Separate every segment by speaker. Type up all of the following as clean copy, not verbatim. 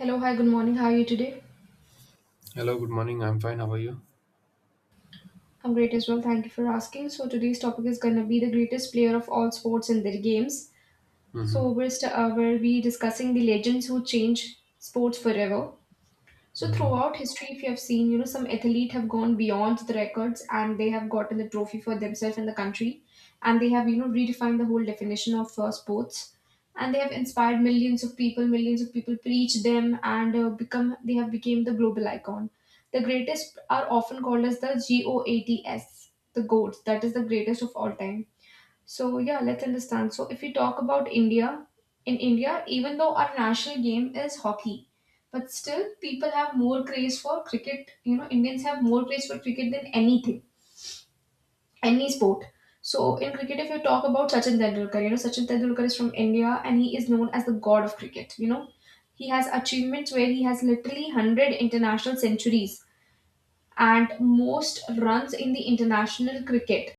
Speaker 1: Hello, hi, good morning. How are you today?
Speaker 2: Hello, good morning. I'm fine. How are you?
Speaker 1: I'm great as well. Thank you for asking. So today's topic is gonna be the greatest player of all sports and their games.
Speaker 2: Mm-hmm.
Speaker 1: So we'll be discussing the legends who change sports forever. So
Speaker 2: Mm-hmm.
Speaker 1: throughout history, if you have seen, some athlete have gone beyond the records and they have gotten the trophy for themselves and the country, and they have, redefined the whole definition of sports, and they have inspired millions of people. Millions of people preach them and become. They have become the global icon. The greatest are often called as the GOATs, the goats. That is the greatest of all time, so yeah, let's understand. So if we talk about India, in India, even though our national game is hockey, but still people have more craze for cricket. You know, Indians have more craze for cricket than anything, any sport. So in cricket, if you talk about Sachin Tendulkar, you know, Sachin Tendulkar is from India and he is known as the god of cricket. You know, he has achievements where he has literally 100 international centuries and most runs in the international cricket,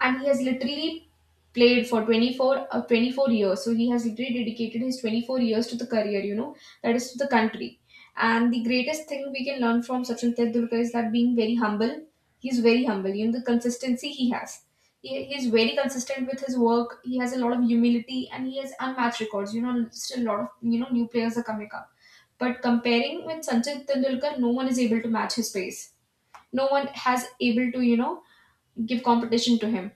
Speaker 1: and he has literally played for 24 years, so he has literally dedicated his 24 years to the career, you know, that is to the country. And the greatest thing we can learn from Sachin Tendulkar is that being very humble, he's very humble, you know, the consistency he has. He's very consistent with his work. He has a lot of humility and he has unmatched records, you know. Still a lot of, you know, new players are coming up, but comparing with Sachin Tendulkar, no one is able to match his pace. No one has able to, you know, give competition to him.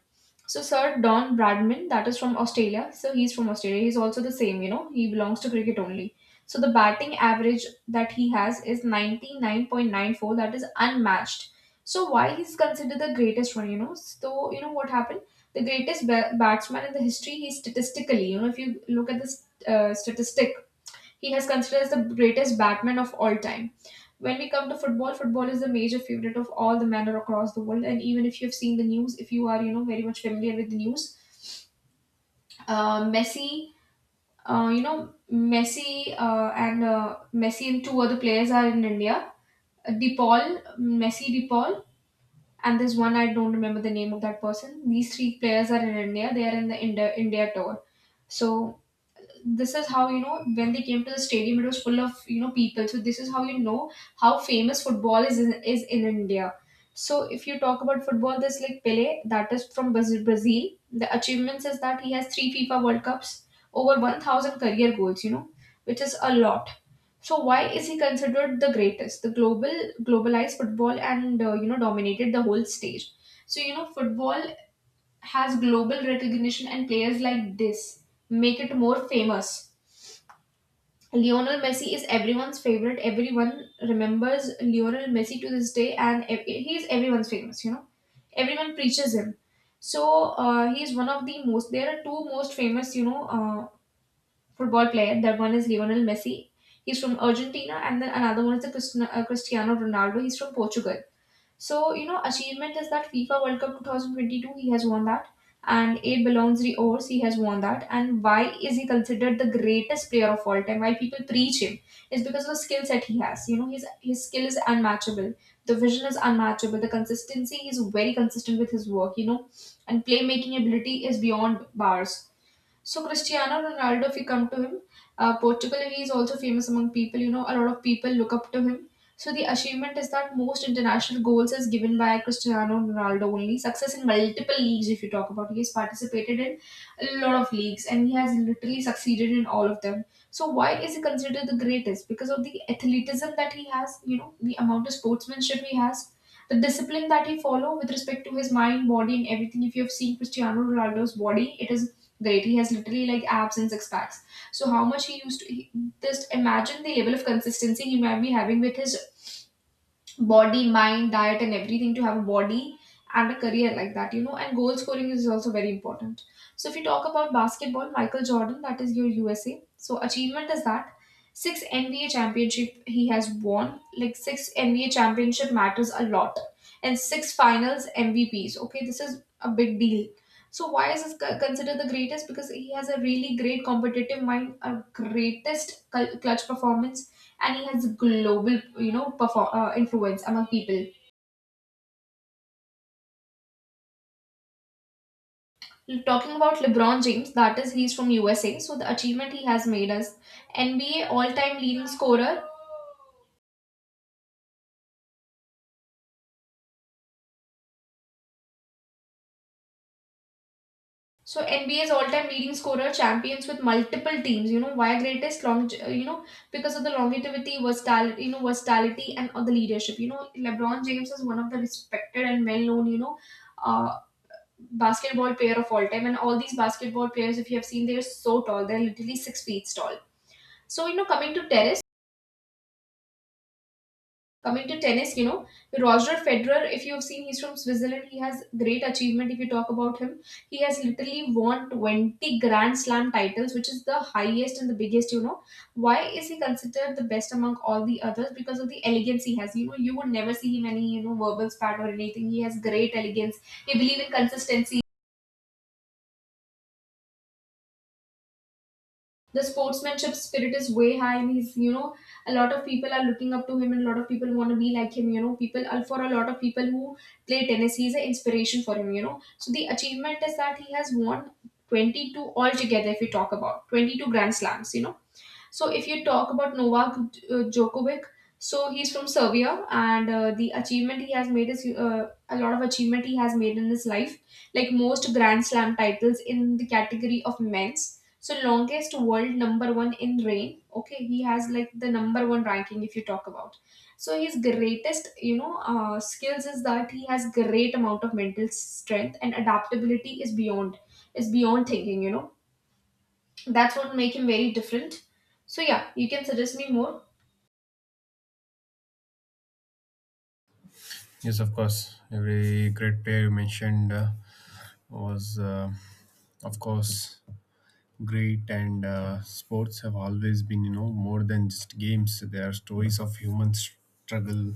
Speaker 1: So Sir Don Bradman, that is from Australia. So he's from Australia. He's also the same, you know. He belongs to cricket only. So the batting average that he has is 99.94. That is unmatched. So why he's considered the greatest one, you know? So you know what happened? The greatest batsman in the history. He statistically, you know, if you look at the statistic, he has considered as the greatest batsman of all time. When we come to football, football is the major favorite of all the men across the world. And even if you have seen the news, if you are, you know, very much familiar with the news, Messi, you know, Messi and Messi and two other players are in India. DePaul, Messi DePaul, and there's one I don't remember the name of that person. These three players are in India. They are in the India tour. So this is how, you know, when they came to the stadium it was full of, you know, people. So this is how, you know, how famous football is in India. So if you talk about football, there's like Pele, that is from Brazil. The achievements is that he has three FIFA world cups, over 1,000 career goals, you know, which is a lot. So why is he considered the greatest? The global globalized football and, you know, dominated the whole stage. So, you know, football has global recognition, and players like this make it more famous. Lionel Messi is everyone's favorite. Everyone remembers Lionel Messi to this day, and he's everyone's famous. You know, everyone preaches him. So he is one of the most. There are two most famous, you know, football player. That one is Lionel Messi. He's from Argentina, and then another one is the Cristiano Ronaldo. He's from Portugal. So, you know, achievement is that FIFA World Cup 2022, he has won that. And A belongs the Ors, he has won that. And why is he considered the greatest player of all time? Why people preach him is because of the skill set he has. You know, his skill is unmatchable. The vision is unmatchable. The consistency, he is very consistent with his work, you know. And playmaking ability is beyond bars. So Cristiano Ronaldo, if you come to him, Portugal, he is also famous among people. You know, a lot of people look up to him. So the achievement is that most international goals is given by Cristiano Ronaldo only. Success in multiple leagues, if you talk about, he has participated in a lot of leagues and he has literally succeeded in all of them. So why is he considered the greatest? Because of the athleticism that he has, you know, the amount of sportsmanship he has, the discipline that he follow with respect to his mind, body, and everything. If you have seen Cristiano Ronaldo's body, it is great. He has literally like abs and six packs. So how much he used to just imagine the level of consistency he might be having with his body, mind, diet, and everything to have a body and a career like that, you know. And goal scoring is also very important. So, if you talk about basketball, Michael Jordan, that is your USA. So, achievement is that six NBA championship he has won. Like six NBA championship matters a lot, and six finals MVPs. Okay, this is a big deal. So, why is this considered the greatest? Because he has a really great competitive mind, a greatest clutch performance, and he has global, you know, influence among people. Talking about LeBron James, that is, he's from USA. So the achievement he has made as NBA all-time leading scorer. So NBA's all-time leading scorer, champions with multiple teams. You know why greatest long, you know, because of the longevity, versatility, you know, versatility and of the leadership. You know, LeBron James is one of the respected and well-known, you know, uh, basketball player of all time. And all these basketball players, if you have seen, they're so tall. They're literally 6 feet tall. So, you know, coming to tennis, you know, Roger Federer. If you have seen, he's from Switzerland. He has great achievement. If you talk about him, he has literally won 20 Grand Slam titles, which is the highest and the biggest. You know, why is he considered the best among all the others? Because of the elegance he has. You know, you would never see him any, you know, verbal spat or anything. He has great elegance. He believes in consistency. The sportsmanship spirit is way high, and he's, you know, a lot of people are looking up to him, and a lot of people want to be like him, you know. People, for a lot of people who play tennis, he's an inspiration for him, you know. So the achievement is that he has won 22 altogether, if we talk about 22 grand slams, you know. So if you talk about Novak Djokovic, so he's from Serbia, and the achievement he has made is a lot of achievement he has made in his life, like most Grand Slam titles in the category of men's. So longest world number one in reign. Okay, he has like the number one ranking if you talk about. So his greatest, you know, skills is that he has great amount of mental strength, and adaptability is beyond thinking. You know, that's what make him very different. So yeah, you can suggest me more.
Speaker 2: Yes, of course. Every great player you mentioned was, of course, great. And sports have always been, you know, more than just games. They are stories of human struggle,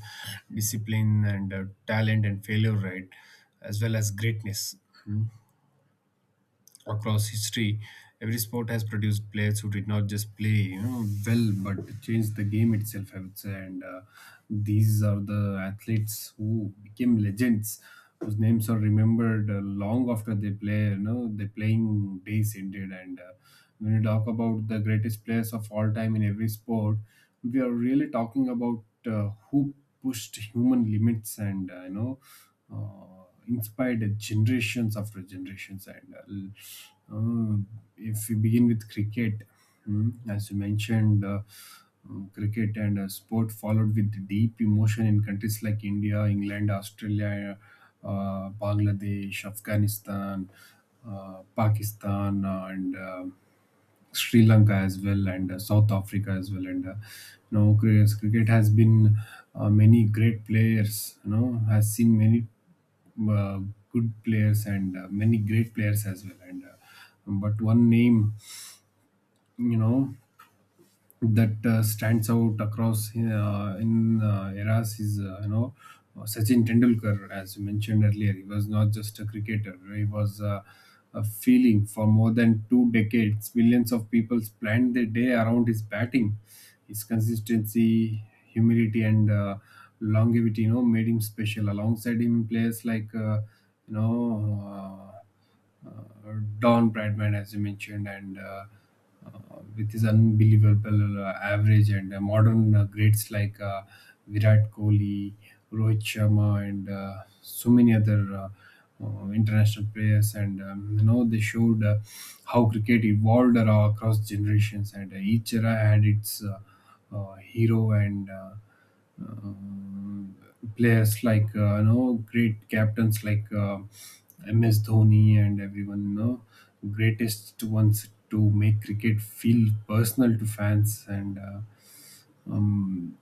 Speaker 2: discipline, and talent and failure, right? As well as greatness. Hmm? Across history, every sport has produced players who did not just play, you know, well, but changed the game itself, I would say. And these are the athletes who became legends, whose names are remembered long after they play. You know, their playing days ended. And when we talk about the greatest players of all time in every sport, we are really talking about who pushed human limits and you know inspired generations after generations. And if we begin with cricket, as you mentioned, cricket and sport followed with deep emotion in countries like India, England, Australia, Bangladesh, Afghanistan, Pakistan, and Sri Lanka as well, and South Africa as well, and you know, cricket has been many great players. You know, has seen many uh, good players and many great players as well. And but one name, you know, that stands out across in eras is you know Sachin Tendulkar, as you mentioned earlier. He was not just a cricketer; he was a feeling. For more than two decades, millions of people planned their day around his batting. His consistency, humility, and longevity, you know, made him special. Alongside him, players like you know. Uh, uh, Don Bradman, as you mentioned, and uh, with his unbelievable average and modern greats like Virat Kohli, Rohit Sharma, and so many other international players. And you know, they showed how cricket evolved across generations, and each era had its hero and um, players like you know great captains like MS Dhoni and everyone, you know, greatest ones to make cricket feel personal to fans and um,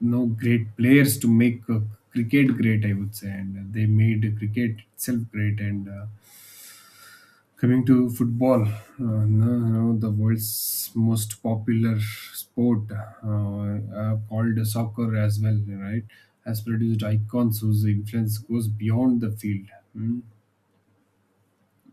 Speaker 2: you know great players to make cricket great, I would say, and they made cricket itself great. And coming to football, no, no, the world's most popular sport, called soccer as well, right, has produced icons whose influence goes beyond the field. Hmm?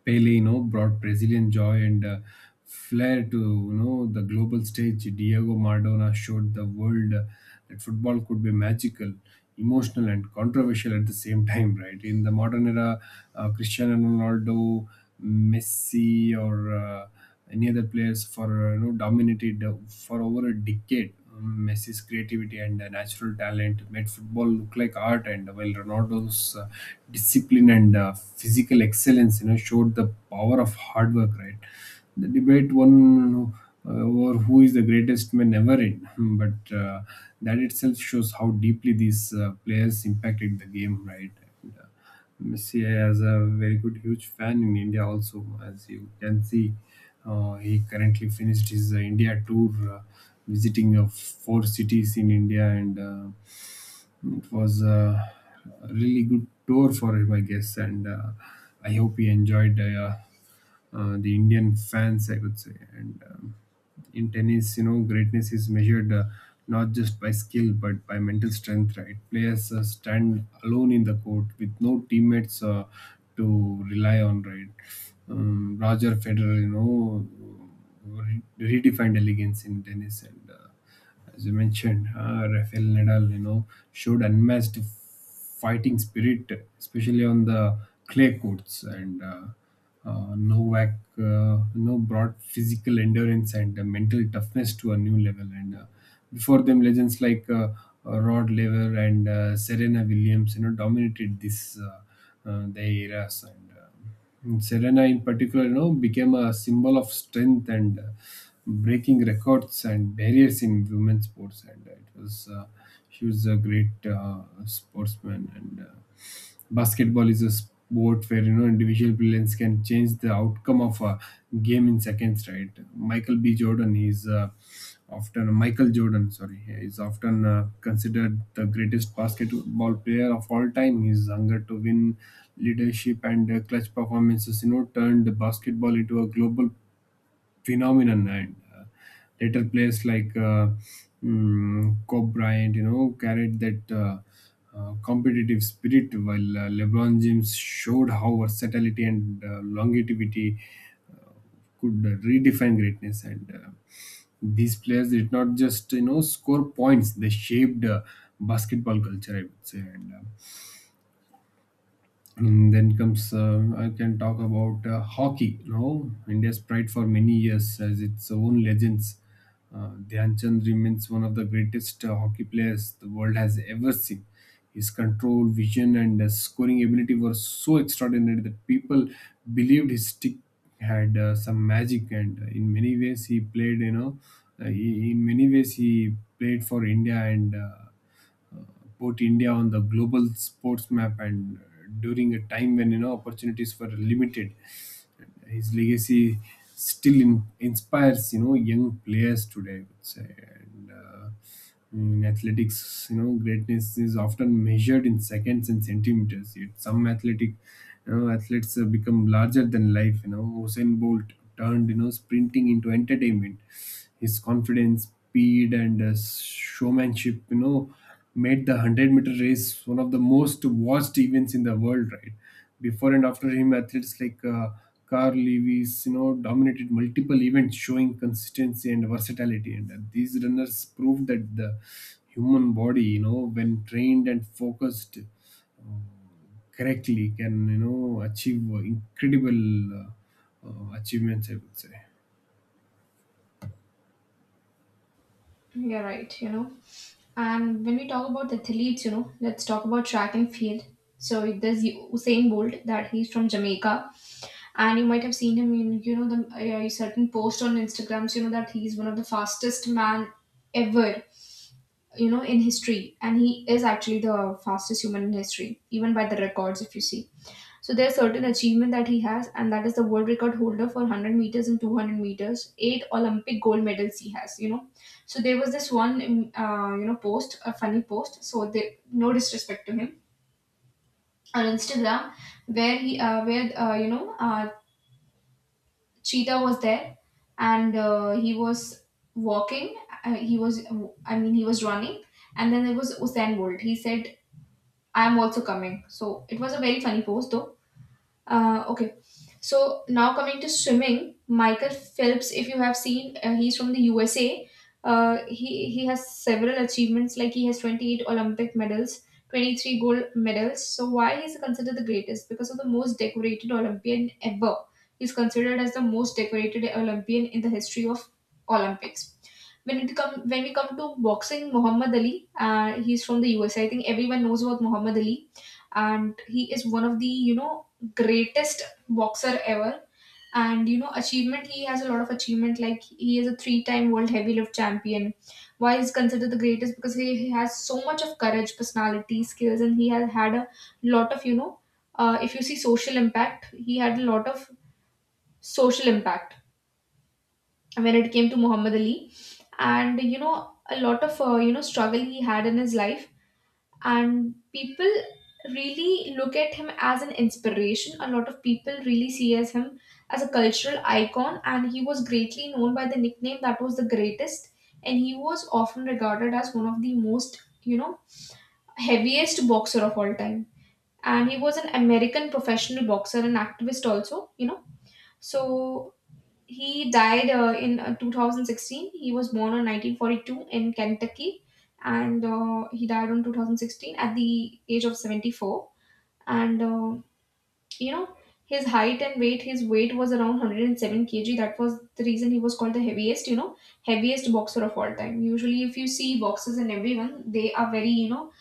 Speaker 2: Pele, you know, brought Brazilian joy and flair to, you know, the global stage. Diego Maradona showed the world that football could be magical, emotional, and controversial at the same time. Right, in the modern era, Cristiano Ronaldo, Messi, or any other players for you know dominated for over a decade. Messi's creativity and natural talent made football look like art, and while Ronaldo's discipline and physical excellence, you know, showed the power of hard work. Right, the debate won over who is the greatest may never end, but that itself shows how deeply these players impacted the game. Right. And, Messi has a very good, huge fan in India also. As you can see, he currently finished his India tour, visiting four cities in India, and it was a really good tour for him, I guess, and I hope he enjoyed the Indian fans, I would say. And in tennis, you know, greatness is measured not just by skill but by mental strength, right? Players stand alone in the court with no teammates to rely on, right? Roger Federer, you know, redefined elegance in tennis, and as you mentioned, Rafael Nadal, you know, showed unmatched fighting spirit, especially on the clay courts, and Novak, you know, brought physical endurance and mental toughness to a new level. And before them, legends like Rod Laver and Serena Williams, you know, dominated this the eras. And Serena, in particular, you know, became a symbol of strength and breaking records and barriers in women's sports. And it was she was a great sportsman and. Basketball is a sport where, you know, individual brilliance can change the outcome of a game in seconds, right? Michael B. Jordan is uh, Michael Jordan, sorry, is often considered the greatest basketball player of all time. His hunger to win, leadership, and clutch performances, you know, turned basketball into a global phenomenon, and later players like Kobe Bryant, you know, carried that competitive spirit, while LeBron James showed how versatility and longevity could redefine greatness. And these players did not just, you know, score points. They shaped basketball culture, I would say. And then comes, I can talk about hockey. You know, India's pride for many years as its own legends. Dhyan Chand remains one of the greatest hockey players the world has ever seen. His control, vision, and scoring ability were so extraordinary that people believed his stick had some magic. And in many ways, he played. You know, he in many ways, he played for India and. Put India on the global sports map, and during a time when, you know, opportunities were limited, his legacy still inspires, you know, young players today, I would say. And in athletics, you know, greatness is often measured in seconds and centimeters, yet some athletic you know athletes have become larger than life. You know, Usain Bolt turned, you know, sprinting into entertainment. His confidence, speed, and showmanship, you know, made the 100-meter race one of the most watched events in the world, right? Before and after him, athletes like Carl Lewis, you know, dominated multiple events, showing consistency and versatility. And these runners proved that the human body, you know, when trained and focused correctly, can, you know, achieve incredible achievements, I would say.
Speaker 1: You're right, you know. And when we talk about athletes, you know, let's talk about track and field. So there's Usain Bolt, that he's from Jamaica, and you might have seen him in, you know, the, certain post on Instagrams, you know, that he's one of the fastest man ever, you know, in history. And he is actually the fastest human in history, even by the records, if you see. So there's certain achievement that he has, and that is the world record holder for 100 meters and 200 meters. Eight Olympic gold medals he has, you know. So there was this one, you know, post, a funny post. So they, no disrespect to him, on Instagram, where he, where you know, Cheetah was there, and he was walking. He was, I mean, he was running, and then there was Usain Bolt. He said, "I'm also coming." So it was a very funny post, though. Okay. So now coming to swimming, Michael Phelps, if you have seen, he's from the USA. He has several achievements, like he has 28 Olympic medals, 23 gold medals. So why he's considered the greatest? Because of the most decorated Olympian ever. He's considered as the most decorated Olympian in the history of Olympics. When we come to boxing, Muhammad Ali, he's from the USA. I think everyone knows about Muhammad Ali, and he is one of the greatest boxer ever. And achievement, he has a lot of achievement. Like he is a three-time world heavyweight champion. Why he's considered the greatest? Because he has so much of courage, personality, skills, and he has had a lot of. If you see social impact, he had a lot of social impact when it came to Muhammad Ali, and a lot of struggle he had in his life, and people really look at him as an inspiration. A lot of people really see as him as a cultural icon, and he was greatly known by the nickname that was the greatest, and he was often regarded as one of the most heaviest boxer of all time. And he was an American professional boxer and activist also. So he died in 2016. He was born in 1942 in Kentucky, and he died in 2016 at the age of 74. And you know his height and weight. His weight was around 107 kg. That was the reason he was called the heaviest. You know, heaviest boxer of all time. Usually, if you see boxers and everyone, they are very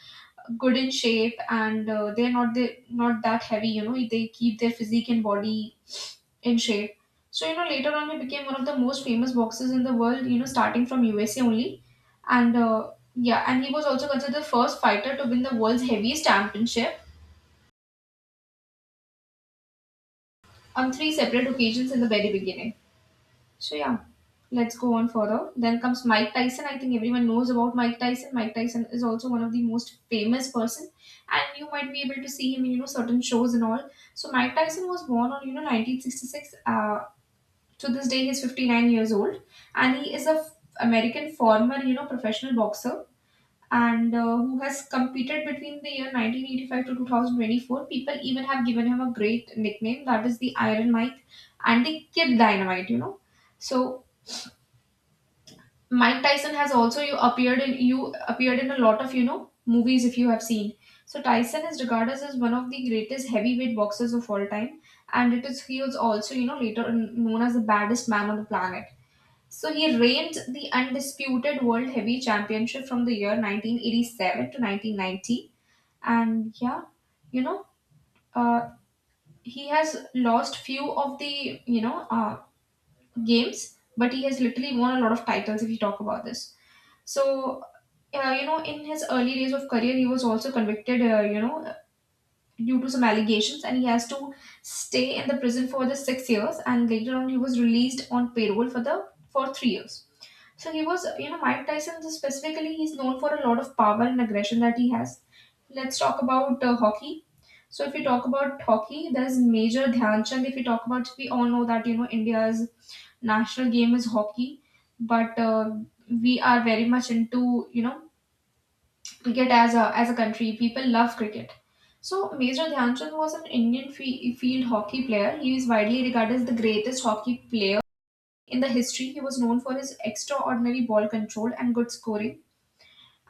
Speaker 1: good in shape and they not that heavy. You know, they keep their physique and body in shape. So, later on he became one of the most famous boxers in the world, starting from USA only. And yeah, and he was also considered the first fighter to win the world's heaviest championship on three separate occasions in the very beginning. So, yeah, let's go on further. Then comes Mike Tyson. I think everyone knows about Mike Tyson. Mike Tyson is also one of the most famous person and you might be able to see him in, certain shows and all. So Mike Tyson was born on, 1966. To this day, he's 59 years old, and he is a American former, professional boxer, and who has competed between the year 1985 to 2024. People even have given him a great nickname, that is the Iron Mike and the Kid Dynamite. So Mike Tyson has also you appeared in a lot of movies if you have seen. So Tyson is regarded as one of the greatest heavyweight boxers of all time, and it is he was also later known as the baddest man on the planet. So he reigned the undisputed World Heavy Championship from the year 1987 to 1990, and yeah, you know, uh, he has lost few of the games, but he has literally won a lot of titles. If you talk about this, so in his early days of career, he was also convicted, due to some allegations, and he has to stay in the prison for the 6 years, and later on, he was released on parole for the for 3 years. So he was, Mike Tyson specifically, he's known for a lot of power and aggression that he has. Let's talk about hockey. So if we talk about hockey, there's Major Dhyan Chand. If we talk about, we all know that, India's national game is hockey, but we are very much into, cricket as a country. People love cricket. So Major Dhyan Chand was an Indian field hockey player. He is widely regarded as the greatest hockey player in the history. He was known for his extraordinary ball control and good scoring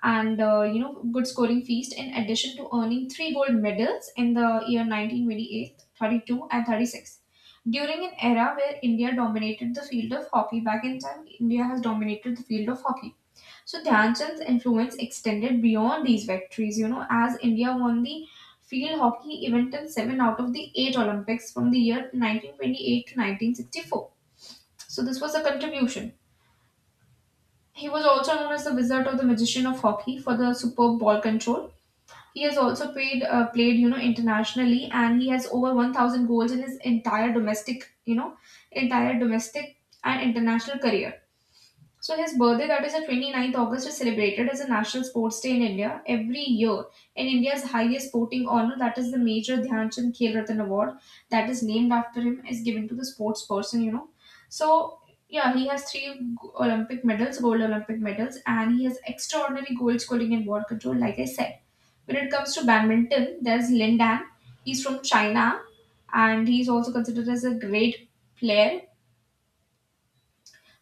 Speaker 1: and good scoring feast in addition to earning three gold medals in the year 1928, 32 and 36 during an era where India dominated the field of hockey back in time. India has dominated the field of hockey. So Dhyan Chand's influence extended beyond these victories, as India won the field hockey event in 7 out of the 8 Olympics from the year 1928 to 1964. So this was a contribution. He was also known as the Wizard of the Magician of Hockey for the superb ball control. He has also played internationally, and he has over 1,000 goals in his entire domestic and international career. So his birthday, that is the 29th August, is celebrated as a national sports day in India every year. And India's highest sporting honor, that is the Major Dhyanchand Khel Ratan Award, that is named after him, is given to the sports person. So yeah, he has three Olympic medals, gold Olympic medals, and he has extraordinary goal scoring and ball control, like I said. When it comes to badminton, there's Lin Dan. He's from China, and he's also considered as a great player,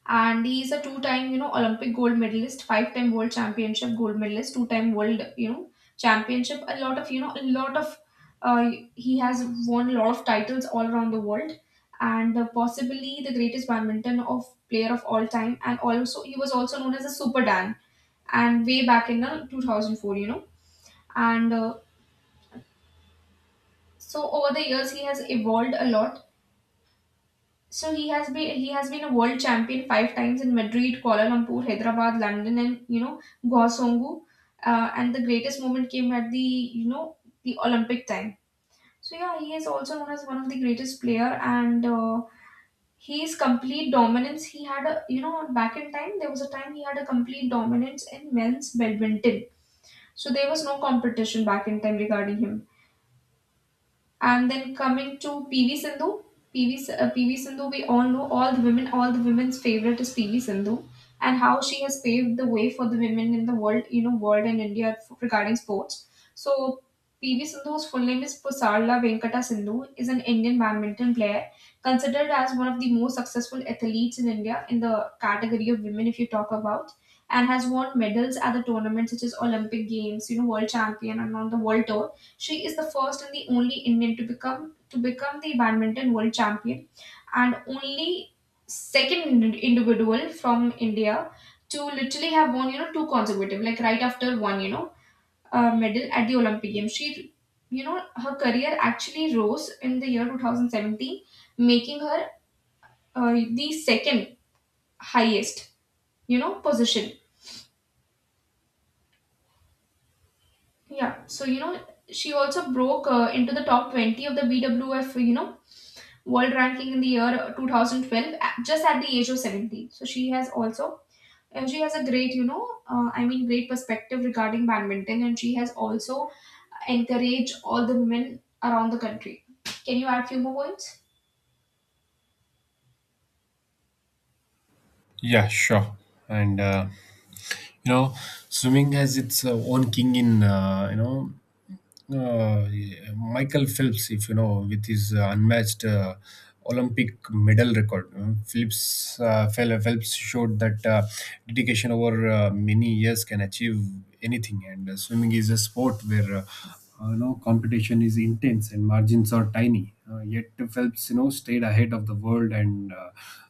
Speaker 1: and he is a two-time Olympic gold medalist, five-time world championship gold medalist, two-time world championship. A lot of you know a lot of uh, he has won a lot of titles all around the world, and possibly the greatest badminton of player of all time, and also he was also known as a Super Dan, and way back in the 2004, and so over the years he has evolved a lot. So he has been a world champion five times in Madrid, Kuala Lumpur, Hyderabad, London, and Guangzhou. And the greatest moment came at the you know the Olympic time. So yeah, he is also known as one of the greatest player, and his complete dominance. He had a you know back in time there was a time he had a complete dominance in men's badminton. So there was no competition back in time regarding him. And then coming to PV Sindhu. PV Sindhu, we all know all the women's favorite is PV Sindhu, and how she has paved the way for the women in the world and India regarding sports. So PV Sindhu's full name is Pusarla Venkata Sindhu, is an Indian badminton player considered as one of the most successful athletes in India in the category of women, if you talk about, and has won medals at the tournaments such as Olympic Games, World Champion, and on the World Tour. She is the first and the only Indian to become the badminton world champion and only second individual from India to literally have won, two consecutive, like right after one, medal at the Olympic Games. Her career actually rose in the year 2017, making her the second highest, position. Yeah. So, she also broke into the top 20 of the BWF, world ranking in the year 2012 just at the age of 17. So she has a great I mean great perspective regarding badminton, and she has also encouraged all the women around the country. Can you add few more points?
Speaker 2: Yeah, sure. And you know, swimming has its own king in you know uh, Michael Phelps, if you know, with his unmatched Olympic medal record. Phelps showed that dedication over many years can achieve anything, and swimming is a sport where you know, competition is intense and margins are tiny. Yet Phelps, you know, stayed ahead of the world, and uh,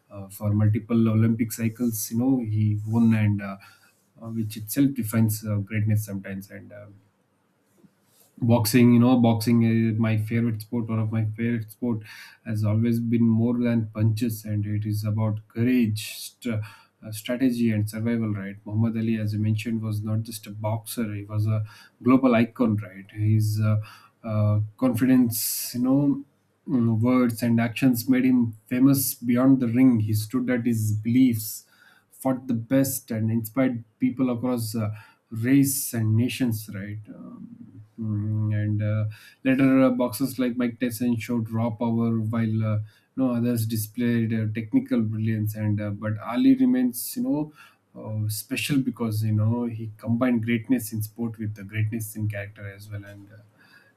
Speaker 2: uh, for multiple Olympic cycles, you know, he won, and which itself defines greatness sometimes. And. Boxing, you know, boxing is my favorite sport. One of my favorite sport has always been more than punches, and it is about courage, strategy, and survival, right? Muhammad Ali, as I mentioned, was not just a boxer; he was a global icon, right? His confidence, you know, words and actions made him famous beyond the ring. He stood at his beliefs, fought the best, and inspired people across race and nations, right? Mm, and Later, boxers like Mike Tyson showed raw power, while you know, others displayed technical brilliance. And but Ali remains, you know. Special because, you know, he combined greatness in sport with the greatness in character as well. And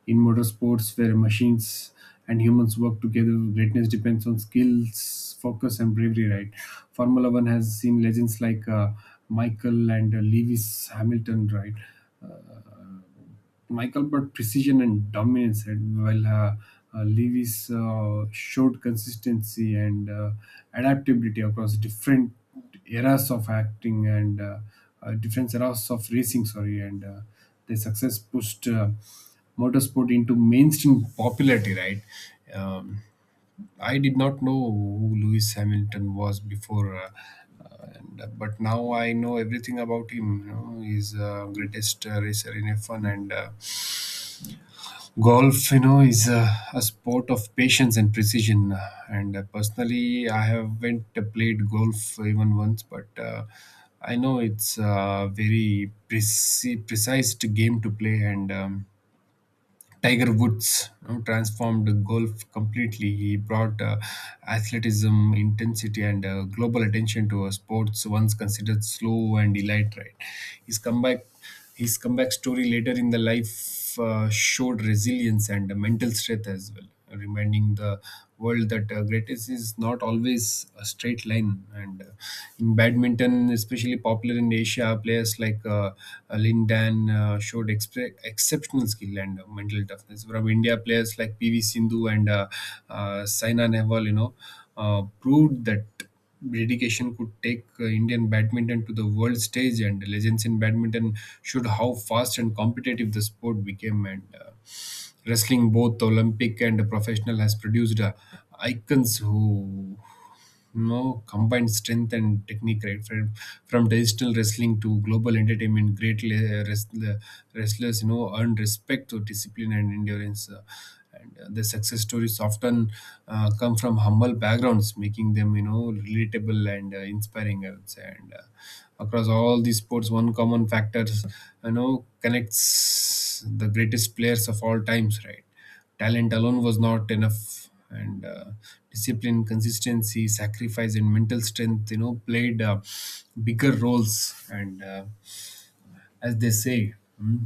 Speaker 2: in motorsports, where machines and humans work together, greatness depends on skills, focus, and bravery, right? Formula 1 has seen legends like Michael and Lewis Hamilton, right? uh, Michael brought precision and dominance, right, while Lewis showed consistency and adaptability across different eras of acting, and different eras of racing, sorry. And their success pushed motorsport into mainstream popularity, right? Um, I did not know who Lewis Hamilton was before, but now I know everything about him. You know, he's greatest racer in F1. And golf, you know, is a sport of patience and precision. And personally, I haven't played golf even once, but I know it's a very precise game to play, and Tiger Woods, you know, transformed golf completely. He brought athleticism, intensity, and global attention to a sports once considered slow and elite. Right, his comeback, his comeback story later in the life showed resilience and mental strength as well, reminding the world that greatness is not always a straight line. And in badminton, especially popular in Asia, players like Lin Dan showed exceptional skill and mental toughness. From India, players like PV Sindhu and Saina Nehwal, you know, proved that dedication could take Indian badminton to the world stage, and legends in badminton showed how fast and competitive the sport became. And wrestling, both Olympic and professional, has produced icons who, you know, combine strength and technique. Right, from traditional wrestling to global entertainment, great wrestlers, you know, earn respect through discipline and endurance. And The success stories often come from humble backgrounds, making them, you know, relatable and inspiring, I would say. And across all these sports, one common factor, you know, connects the greatest players of all times, right? Talent alone was not enough, and discipline, consistency, sacrifice, and mental strength, you know, played bigger roles. And as they say, mm,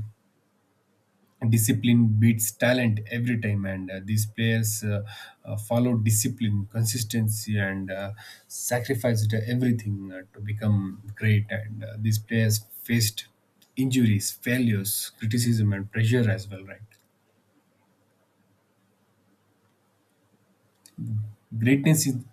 Speaker 2: discipline beats talent every time, and these players followed discipline, consistency, and sacrificed everything to become great. And these players faced injuries, failures, criticism, and pressure as well, right? Greatness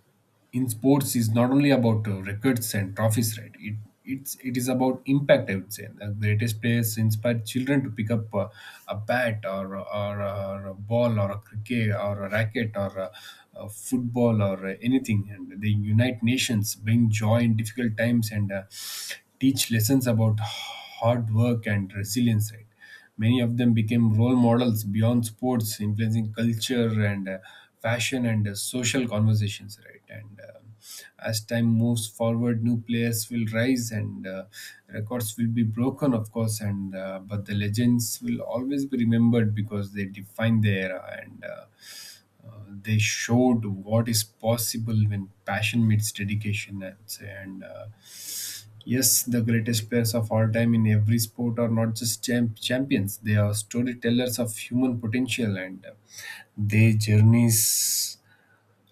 Speaker 2: in sports is not only about records and trophies, right? It it is about impact, I would say. The greatest players inspire children to pick up a bat, or a ball or a cricket or a racket a football or anything, and they unite nations, bring joy in difficult times, and teach lessons about hard work and resilience, right? Many of them became role models beyond sports, influencing culture and fashion and social conversations. Right, and as time moves forward, new players will rise and records will be broken, of course. And but the legends will always be remembered because they defined the era, and they showed what is possible when passion meets dedication, I'd say. And yes, the greatest players of all time in every sport are not just champions; they are storytellers of human potential, and their journeys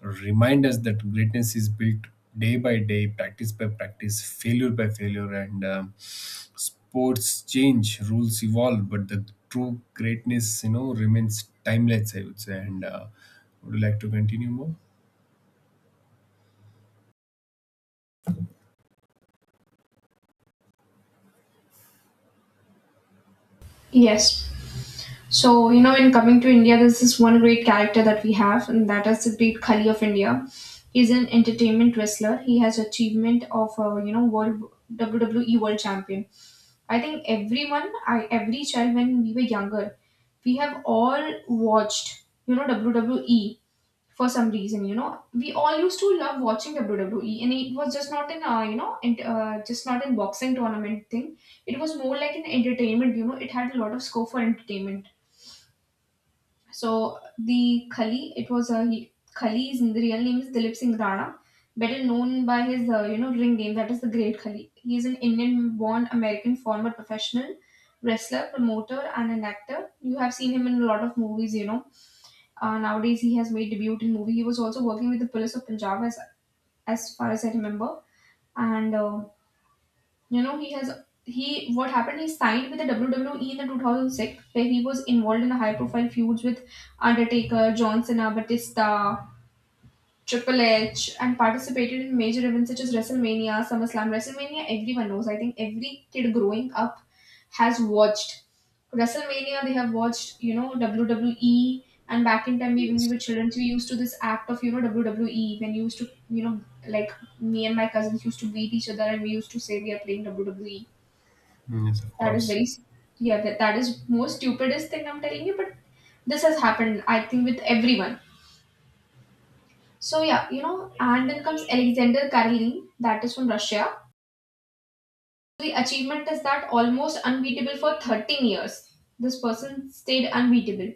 Speaker 2: remind us that greatness is built day by day, practice by practice, failure by failure. And sports change, rules evolve, but the true greatness, you know, remains timeless, I would say. And would you like to continue more?
Speaker 1: Yes. So, when coming to India, there's this one great character that we have, and that is the great Khali of India. He's an entertainment wrestler. He has achievement of, world WWE World Champion. I think every child when we were younger, we have all watched, WWE for some reason. You know, we all used to love watching WWE, and it was just not an boxing tournament thing. It was more like an entertainment. You know, it had a lot of scope for entertainment. So the Khali, it was a he- Khali's real name is Dilip Singh Rana, better known by his ring name, that is the Great Khali. He is an Indian-born American former professional wrestler, promoter, and an actor. You have seen him in a lot of movies. Nowadays, he has made debut in movie. He was also working with the police of Punjab, as far as I remember. And you know, he has he what happened? He signed with the WWE in the 2006, where he was involved in the high-profile feuds with Undertaker, John Cena, Batista, Triple H, and participated in major events such as WrestleMania, SummerSlam. WrestleMania, everyone knows. I think every kid growing up has watched WrestleMania. They have watched, WWE. And back in time, when we
Speaker 2: Yes.
Speaker 1: were children, we used to this act of, WWE. When you used to, you know, like me and my cousins used to beat each other, and we used to say we are playing WWE.
Speaker 2: Yes, of
Speaker 1: That is
Speaker 2: course.
Speaker 1: very, yeah, that is more stupidest thing I'm telling you, but this has happened, I think, with everyone. So, yeah, and then comes Alexander Karelin, that is from Russia. The achievement is that almost unbeatable for 13 years. This person stayed unbeatable.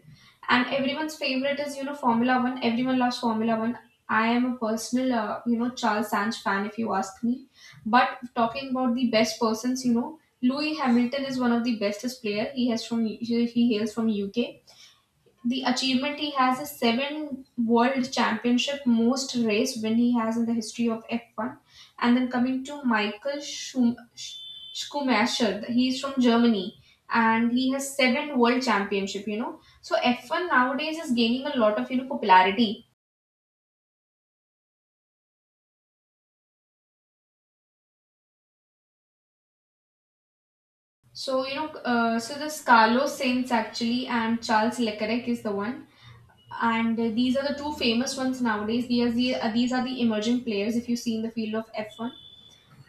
Speaker 1: And everyone's favorite is, Formula One. Everyone loves Formula One. I am a personal, Charles Sands fan, if you ask me. But talking about the best persons, Louis Hamilton is one of the bestest player. He hails from UK, the achievement he has is seven world championship, most race win he has in the history of F1. And then coming to Michael Schumacher, he's from Germany, and he has seven world championship. So F1 nowadays is gaining a lot of, popularity. So this Carlos Sainz actually and Charles Leclerc is the one, and these are the two famous ones nowadays, these are the emerging players if you see in the field of f1.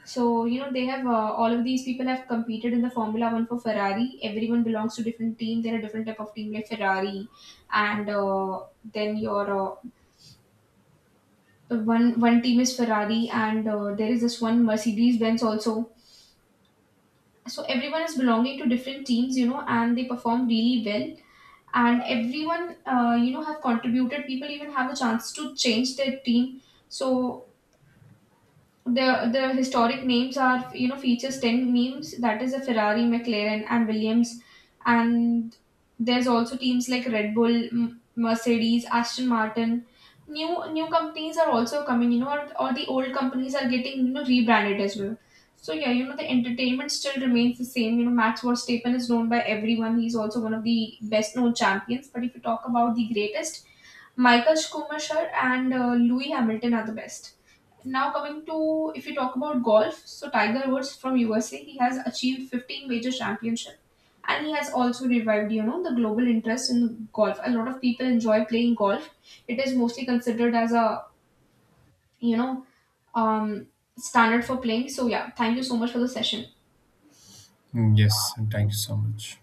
Speaker 1: So, they have all of these people have competed in the Formula One for Ferrari. Everyone belongs to different team. There are different type of team like Ferrari, and then your one team is Ferrari, and there is this one Mercedes Benz also. So everyone is belonging to different teams, and they perform really well. And everyone, have contributed. People even have a chance to change their team. So the historic names are features ten names, that is a Ferrari, McLaren, and Williams, and there's also teams like Red Bull, Mercedes, Aston Martin. New companies are also coming, or the old companies are getting rebranded as well. So yeah, the entertainment still remains the same. You know, Max Verstappen is known by everyone. He's also one of the best known champions. But if you talk about the greatest, Michael Schumacher and Louis Hamilton are the best. Now coming to if you talk about golf, so Tiger Woods from USA, he has achieved 15 major championship, and he has also revived, the global interest in golf. A lot of people enjoy playing golf. It is mostly considered as a, you know, um standard for playing. So yeah, thank you so much for the session.
Speaker 2: Yes, and thank you so much.